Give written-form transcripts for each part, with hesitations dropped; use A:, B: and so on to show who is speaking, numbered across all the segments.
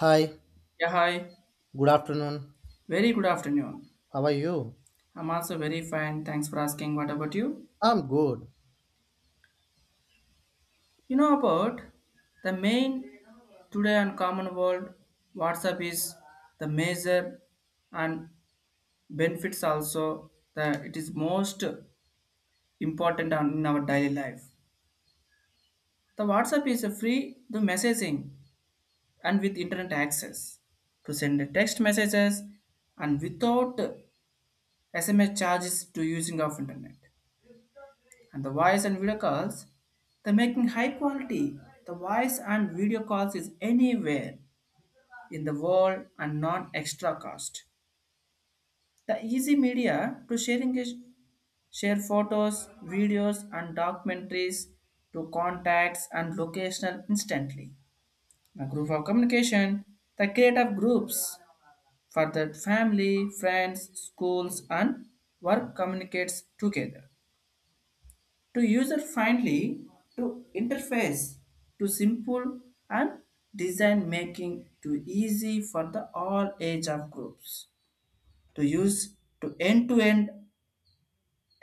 A: Hi,
B: Yeah, hi.
A: good afternoon.
B: Very good afternoon.
A: How are you?
B: I'm also very fine. Thanks for asking. What about you?
A: I'm good.
B: You know about the main today on common world, WhatsApp is the major and benefits also that it is most important on in our daily life. The WhatsApp is a free the messaging and with internet access to send text messages and without SMS charges to using of internet, and the voice and video calls, the making high quality, the voice and video calls is anywhere in the world and not extra cost. The easy media to sharing is share photos, videos and documentaries to contacts and locational instantly. The group of communication, the creative groups for the family, friends, schools and work communicates together. To user-friendly, to interface, to simple and design making to easy for the all age of groups to use, to end-to-end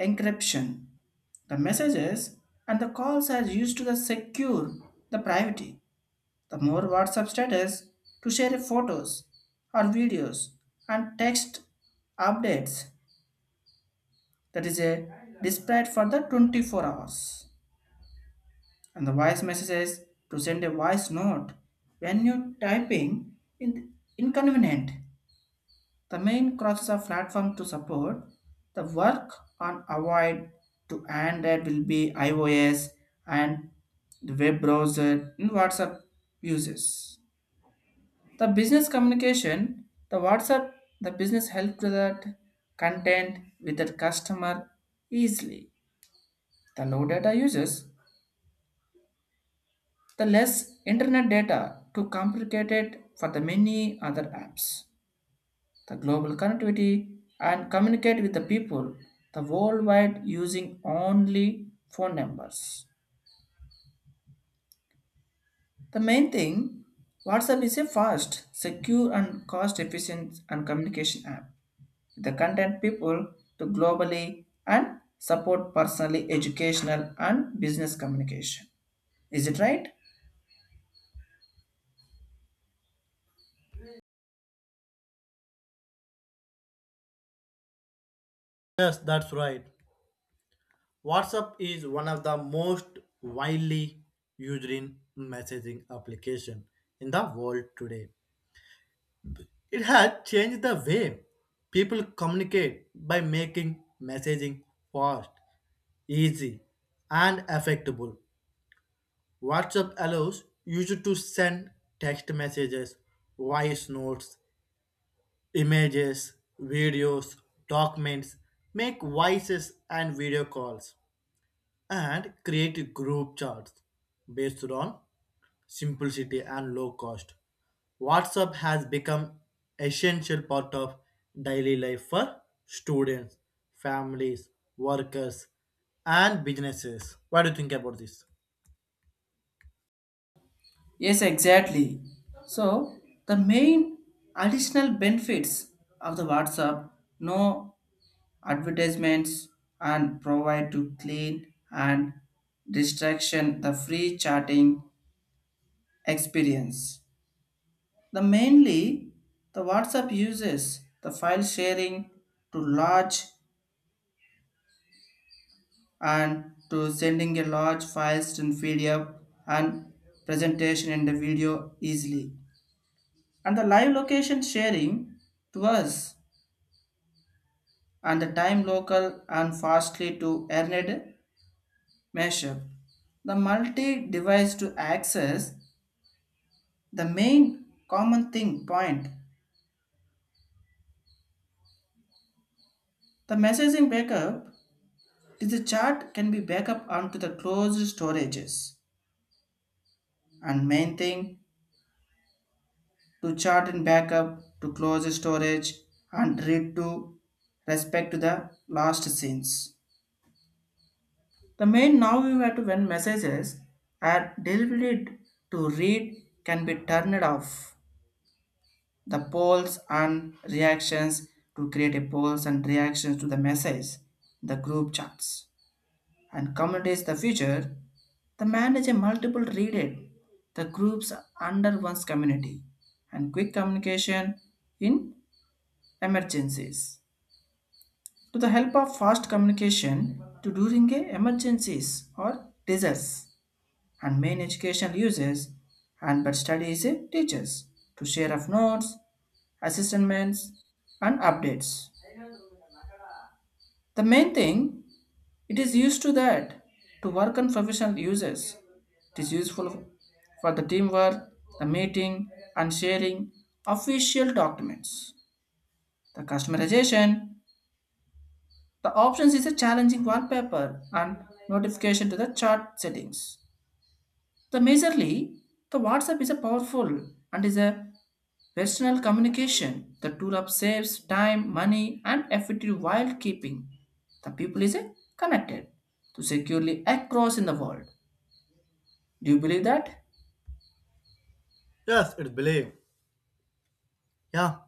B: encryption, the messages and the calls are used to the secure, the privacy. The more WhatsApp status to share photos or videos and text updates that is a displayed for the 24 hours. And the voice message is to send a voice note. When you're typing, in inconvenient. The main crosses of platform to support the work on avoid to Android will be iOS, and the web browser in WhatsApp uses. The business communication, the WhatsApp, the business help to that content with the customer easily. The low data users, the less internet data too complicated for the many other apps. The global connectivity and communicate with the people the worldwide using only phone numbers. The main thing, WhatsApp is a fast, secure and cost efficient and communication app. The content people to globally and support personally educational and business communication. Is it right?
A: Yes, that's right. WhatsApp is one of the most widely used in messaging application in the world today. It has changed the way people communicate by making messaging fast, easy, and affectable. WhatsApp allows users to send text messages, voice notes, images, videos, documents, make voices and video calls, and create group chats based on simplicity and low cost. WhatsApp has become essential part of daily life for students, families, workers, and businesses. What do you think about this?
B: Yes, exactly. So the main additional benefits of the WhatsApp, no advertisements and provide to clean and distraction the free chatting experience. The mainly the WhatsApp uses the file sharing to large and to sending a large files in PDF and presentation in the video easily, and the live location sharing to us and the time local and fastly to earned measure. The multi-device to access, the main common thing point. The messaging backup is the chart can be backup onto the closed storages, and main thing to chart and backup to closed storage and read to respect to the last scenes. The main now you have to, when messages are delivered to read, can be turned off. The polls and reactions to create a polls and reactions to the message, the group chats and communities the future, the manager multiple read it, the groups under one's community and quick communication in emergencies. To the help of fast communication to during a emergencies or disasters, and main educational uses, and but study is a teachers to share of notes, assessments and updates. The main thing, it is used to that to work on professional uses. It is useful for the teamwork, the meeting and sharing official documents. The customization, the options is a challenging wallpaper and notification to the chart settings. The majorly, the WhatsApp is a powerful and is a personal communication. The tool saves time, money, and effective while keeping the people is a connected to securely across in the world. Do you believe that?
A: Yes, it's believe. Yeah,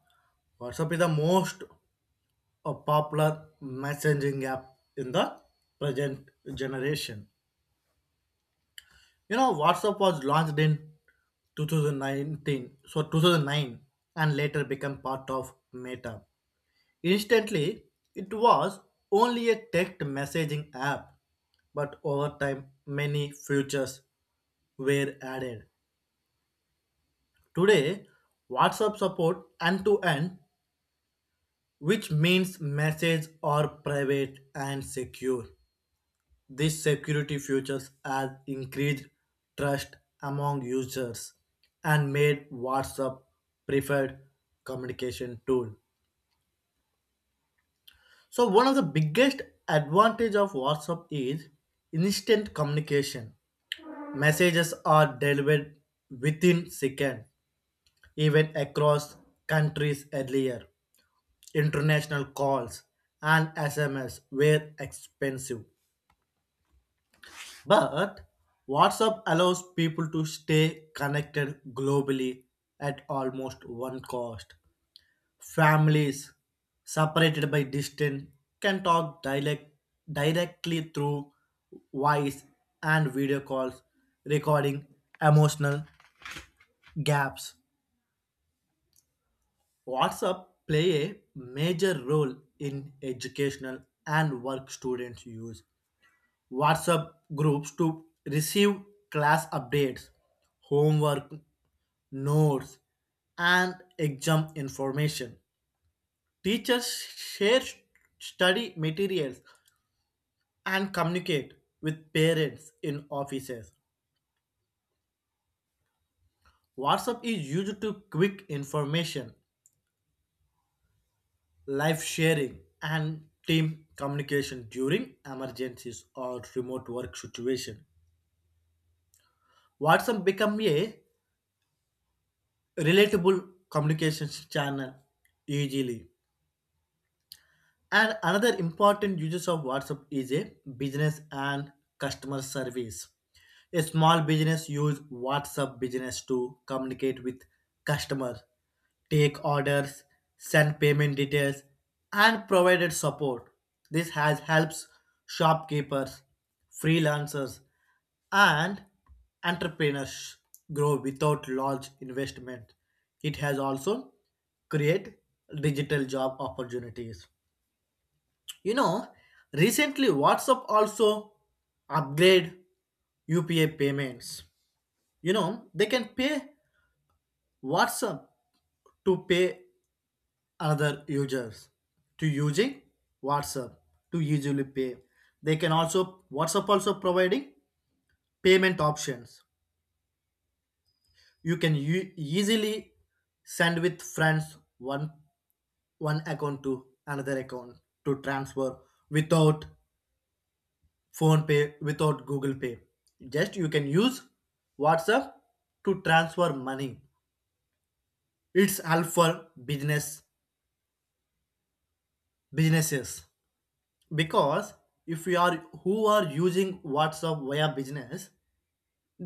A: WhatsApp is the most popular messaging app in the present generation. You know, WhatsApp was launched in 2019, so 2009, and later became part of Meta. Instantly, it was only a text messaging app, but over time, many features were added. Today, WhatsApp support end to end, which means messages are private and secure. This security features has increased trust among users and made WhatsApp preferred communication tool. So one of the biggest advantage of WhatsApp is instant communication. Messages are delivered within seconds, even across countries earlier. International calls and SMS were expensive. But WhatsApp allows people to stay connected globally at almost one cost. Families separated by distance can talk directly through voice and video calls, recording emotional gaps. WhatsApp play a major role in educational and work students use WhatsApp groups to receive class updates, homework, notes, and exam information. Teachers share study materials and communicate with parents in offices. WhatsApp is used to quick information, live sharing, and team communication during emergencies or remote work situation. WhatsApp become a relatable communications channel easily. And another important uses of WhatsApp is a business and customer service. A small business use WhatsApp business to communicate with customers, take orders, send payment details, and provided support. This has helps shopkeepers, freelancers, and entrepreneurs grow without large investment. It has also create digital job opportunities. You know, recently WhatsApp also upgrade UPI payments. You know, they can pay WhatsApp to pay other users to using WhatsApp to easily pay. They can also WhatsApp also providing payment options. You can easily send with friends one account to another account to transfer without phone pay, without Google pay, just you can use WhatsApp to transfer money. It's helpful business businesses, because if you are who are using WhatsApp via business,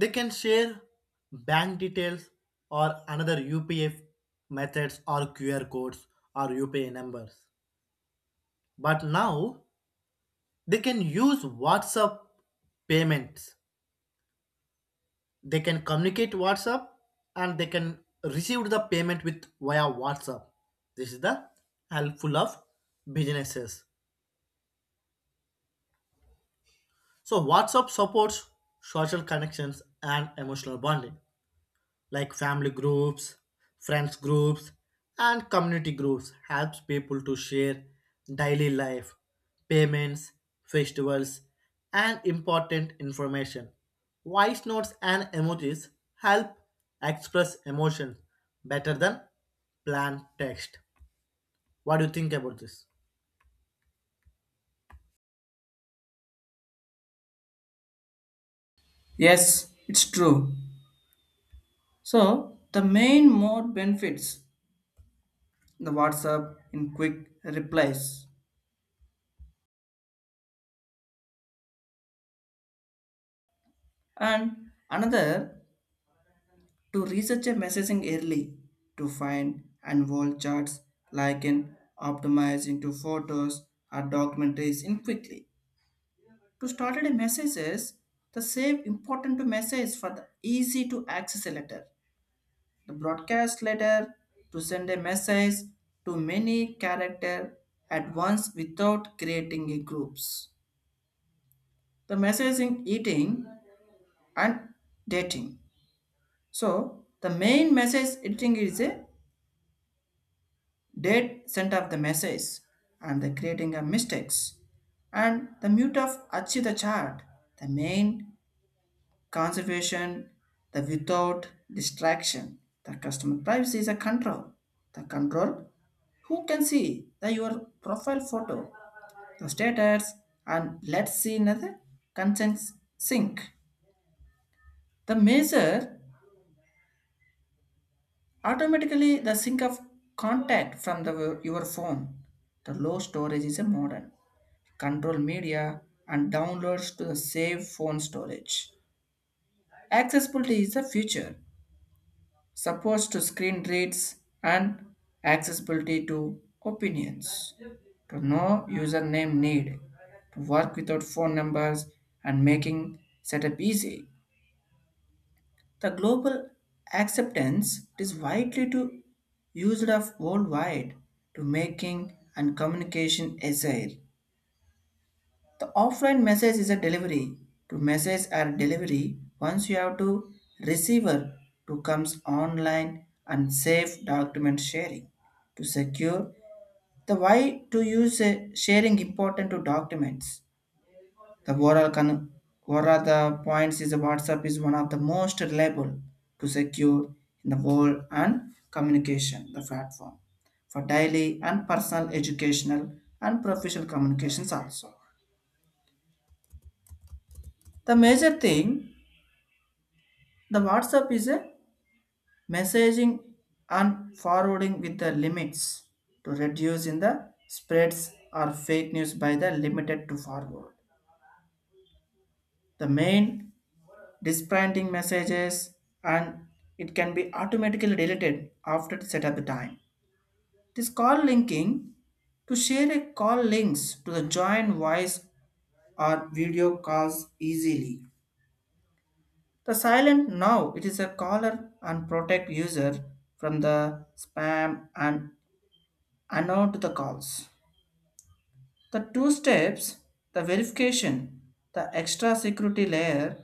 A: they can share bank details or another UPF methods or QR codes or UPA numbers, but now they can use WhatsApp payments. They can communicate WhatsApp and they can receive the payment with via WhatsApp. This is the helpful of businesses. So WhatsApp supports social connections and emotional bonding like family groups, friends groups, and community groups helps people to share daily life, payments, festivals, and important information. Voice notes and emojis help express emotion better than plain text. What do you think about this?
B: Yes, it's true. So the main mode benefits the WhatsApp in quick replies, and another to research a messaging early to find and wall charts like in optimize into photos or documentaries in quickly. To started a messages, the save important to message for the easy to access a letter. The broadcast letter to send a message to many character at once without creating a groups. The messaging eating and dating. So the main message eating is a date sent of the message and the creating of mistakes and the mute of achieve the chart. The main conservation, the without distraction. The customer privacy is a control. The control who can see the your profile photo, the status, and let's see another consent sync. The measure automatically the sync of contact from the your phone. The low storage is a modern. Control media and downloads to the save phone storage. Accessibility is the future. Supposed to screen reads and accessibility to opinions to no username need to work without phone numbers and making setup easy. The global acceptance is widely to used of worldwide to making and communication essay. The offline message is a delivery. To message or delivery, once you have to receiver to comes online, and safe document sharing. To secure the why to use a sharing important to documents. The overall con- what are the points is WhatsApp is one of the most reliable to secure in the world and communication the platform for daily and personal educational and professional communications also. The major thing, the WhatsApp is a messaging and forwarding with the limits to reduce in the spreads or fake news by the limited to forward. The main disappointing messages, and it can be automatically deleted after set up the time. This call linking to share a call links to the join voice or video calls easily. The silent now it is a caller and protect user from the spam and unknown to the calls. The two steps, the verification, the extra security layer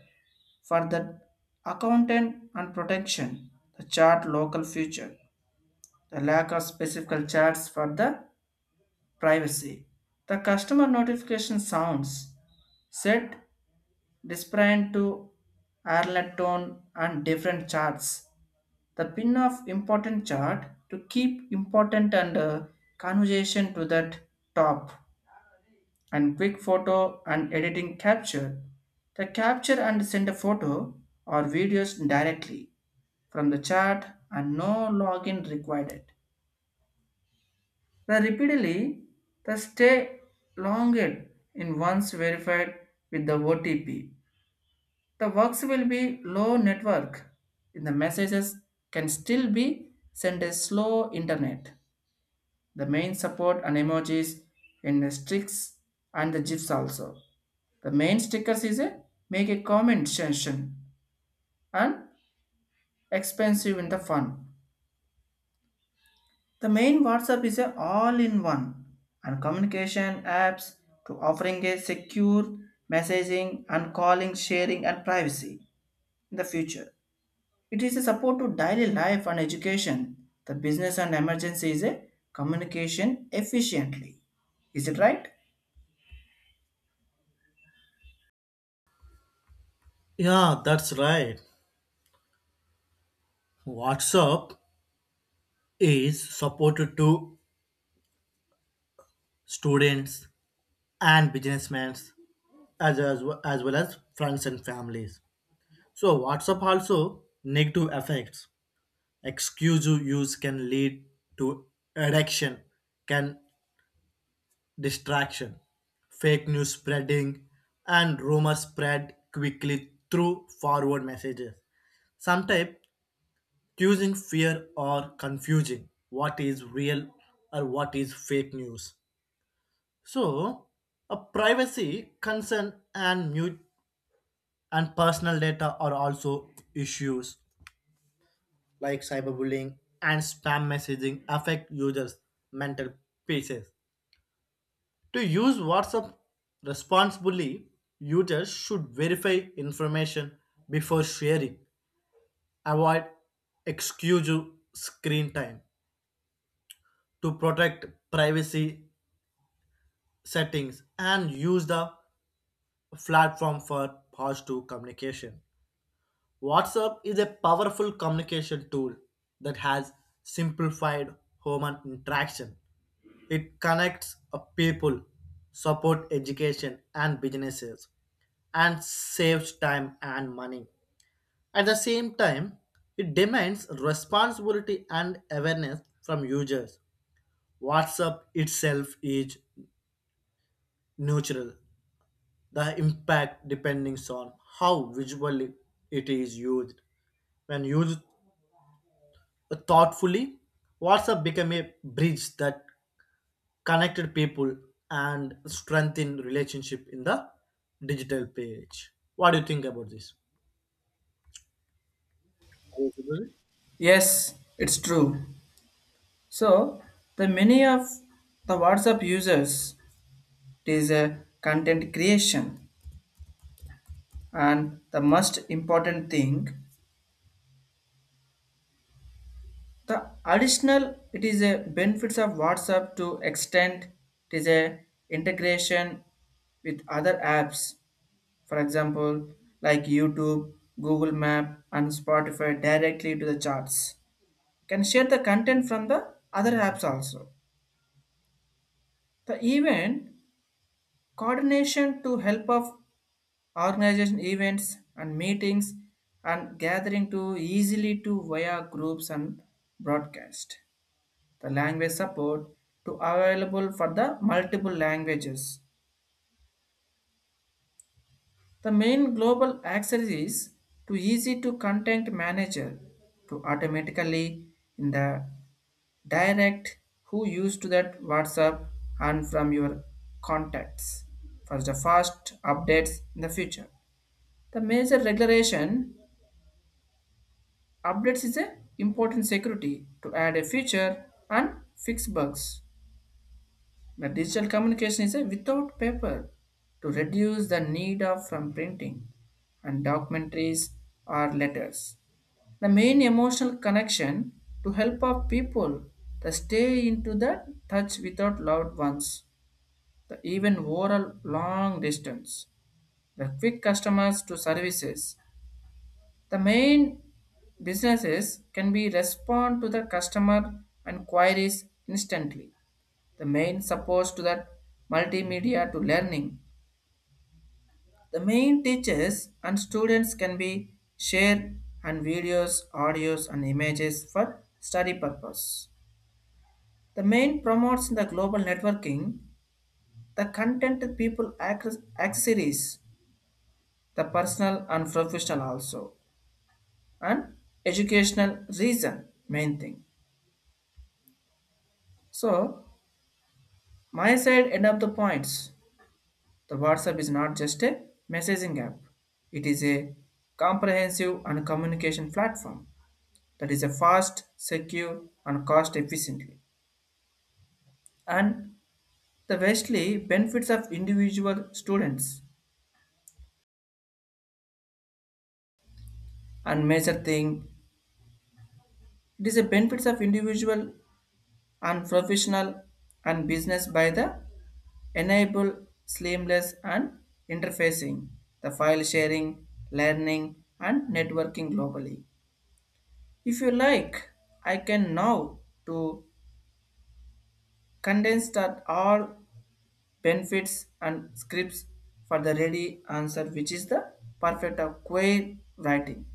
B: for the accountant and protection, the chart local feature, the lack of specific charts for the privacy. The customer notification sounds set disparate to alert tone and different charts. The pin of important chart to keep important and conversation to that top, and quick photo and editing capture. The capture and send a photo or videos directly from the chat, and no login required. The repeatedly the stay longer in once verified with the OTP. The works will be low network. The messages can still be sent as slow internet. The main support and emojis in the sticks and the gifs also. The main stickers is a make a comment section and expensive in the fun. The main WhatsApp is a all-in-one and communication apps to offering a secure messaging and calling, sharing and privacy in the future. It is a support to daily life and education. The business and emergency is a communication efficiently. Is it right?
A: Yeah, that's right. WhatsApp is supported to students and businessmen as well as friends and families. So, WhatsApp also negative effects. Exclusive use can lead to addiction, can distraction, fake news spreading, and rumors spread quickly through forward messages. Sometimes using fear or confusing what is real or what is fake news. So, a privacy concern and personal data are also issues like cyberbullying and spam messaging affect users' mental pieces. To use WhatsApp responsibly, users should verify information before sharing, avoid exclusive screen time to protect privacy settings, and use the platform for positive communication. WhatsApp is a powerful communication tool that has simplified human interaction. It connects people, support education and businesses, and saves time and money. At the same time, it demands responsibility and awareness from users. WhatsApp itself is neutral. The impact depends on how visually it is used. When used thoughtfully, WhatsApp became a bridge that connected people and strengthened relationship in the digital page. What do you think about this?
B: Yes, it's true. So the many of the WhatsApp users it is a content creation, and the most important thing, the additional it is a benefits of WhatsApp to extend, it is a integration with other apps, for example, like YouTube, Google Map and Spotify directly to the charts, can share the content from the other apps also. The event coordination to help of organization events and meetings and gathering to easily to via groups and broadcast, the language support to available for the multiple languages, the main global access is to easy to content manager to automatically in the direct who used to that WhatsApp and from your contacts for the fast updates in the future. The major regulation updates is a important security to add a feature and fix bugs. The digital communication is a without paper to reduce the need of from printing and documentaries or letters. The main emotional connection to help of people to stay into the touch without loved ones. The even overall long distance. The quick customers to services. The main businesses can be respond to the customer and queries instantly. The main supports to that multimedia to learning. The main teachers and students can be share and videos, audios and images for study purpose. The main promotes the global networking, the content that people access, accessories, the personal and professional also, and educational reason main thing. So my side end of the points. The WhatsApp is not just a messaging app. It is a comprehensive and communication platform that is a fast, secure, and cost efficiently. And the vastly benefits of individual students. And major thing, it is the benefits of individual and professional and business by the enable seamless and interfacing the file sharing learning and networking globally. If you like, I can now to condense that all benefits and scripts for the ready answer, which is the perfect of queer writing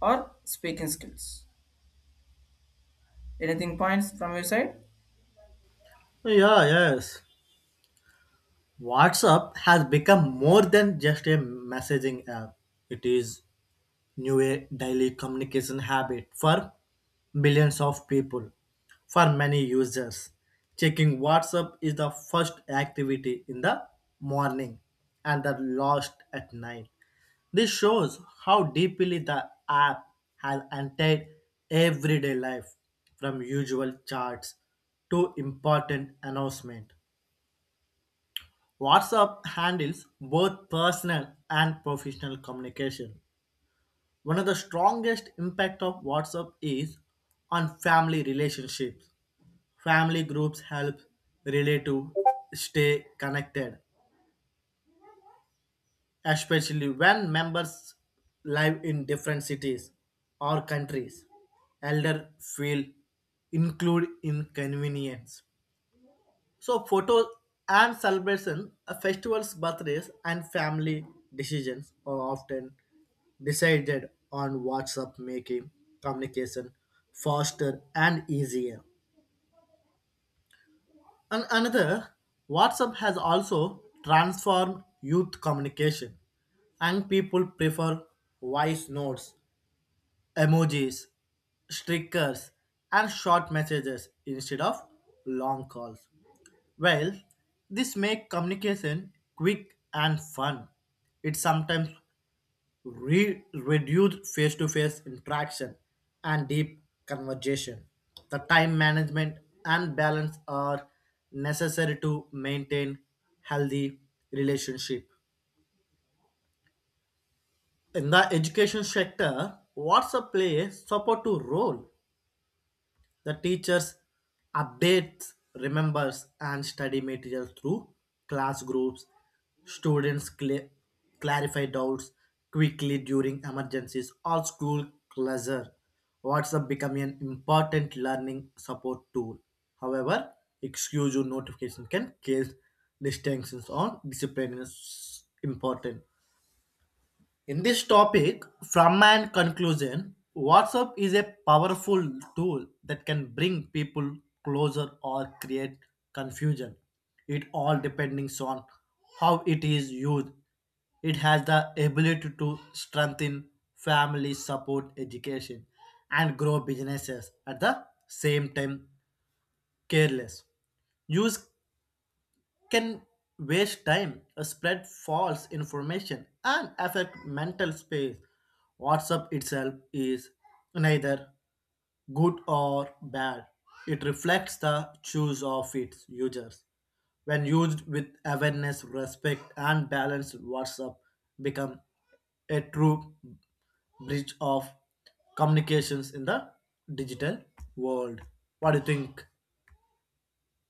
B: or speaking skills. Anything points from your side?
A: Yeah, yes. WhatsApp has become more than just a messaging app. It is new a daily communication habit for billions of people. For many users, checking WhatsApp is the first activity in the morning and the last at night. This shows how deeply the app has entered everyday life from usual chats to important announcement. WhatsApp handles both personal and professional communication one of the strongest impact of WhatsApp is on family relationships. Family groups help relatives stay connected, especially when members live in different cities or countries. Elder feel include in convenience. So photos and festivals, birthdays, and family decisions are often decided on WhatsApp, making communication faster and easier. And another, WhatsApp has also transformed youth communication. Young people prefer voice notes, emojis, stickers, and short messages instead of long calls. Well, this make communication quick and fun. It sometimes reduce face-to-face interaction and deep conversation. The time management and balance are necessary to maintain healthy relationship. In the education sector, what's a play support to role? The teachers updates, remembers, and study materials through class groups. Students clarify doubts quickly during emergencies or school closure. WhatsApp becoming an important learning support tool. However, excuse you notification can cause distinctions on discipline is important. In this topic, from and conclusion, WhatsApp is a powerful tool that can bring people closer or create confusion. It all depending on how it is used. It has the ability to strengthen family support, education, and grow businesses at the same time careless. Use can waste time, spread false information, and affect mental space. WhatsApp itself is neither good or bad. It reflects the choice of its users. When used with awareness, respect, and balance, WhatsApp become a true bridge of communications in the digital world. What do you think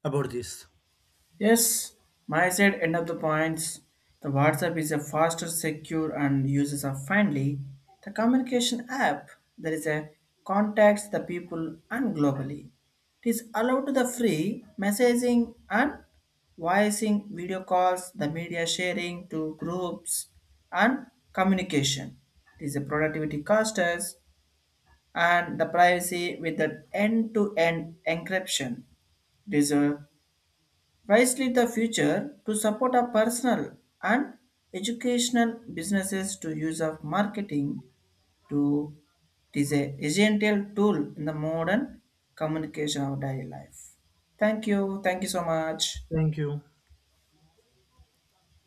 A: about this?
B: Yes, my side end of the points. The WhatsApp is a faster, secure, and users are friendly. The communication app there is a contacts the people and globally. It is allowed to the free messaging and voicing, video calls, the media sharing to groups and communication. It is a productivity costers and the privacy with the end-to-end encryption. It is a wisely the future to support our personal and educational businesses to use of marketing to it is a essential tool in the modern communication of daily life. Thank you. Thank you so much.
A: Thank you.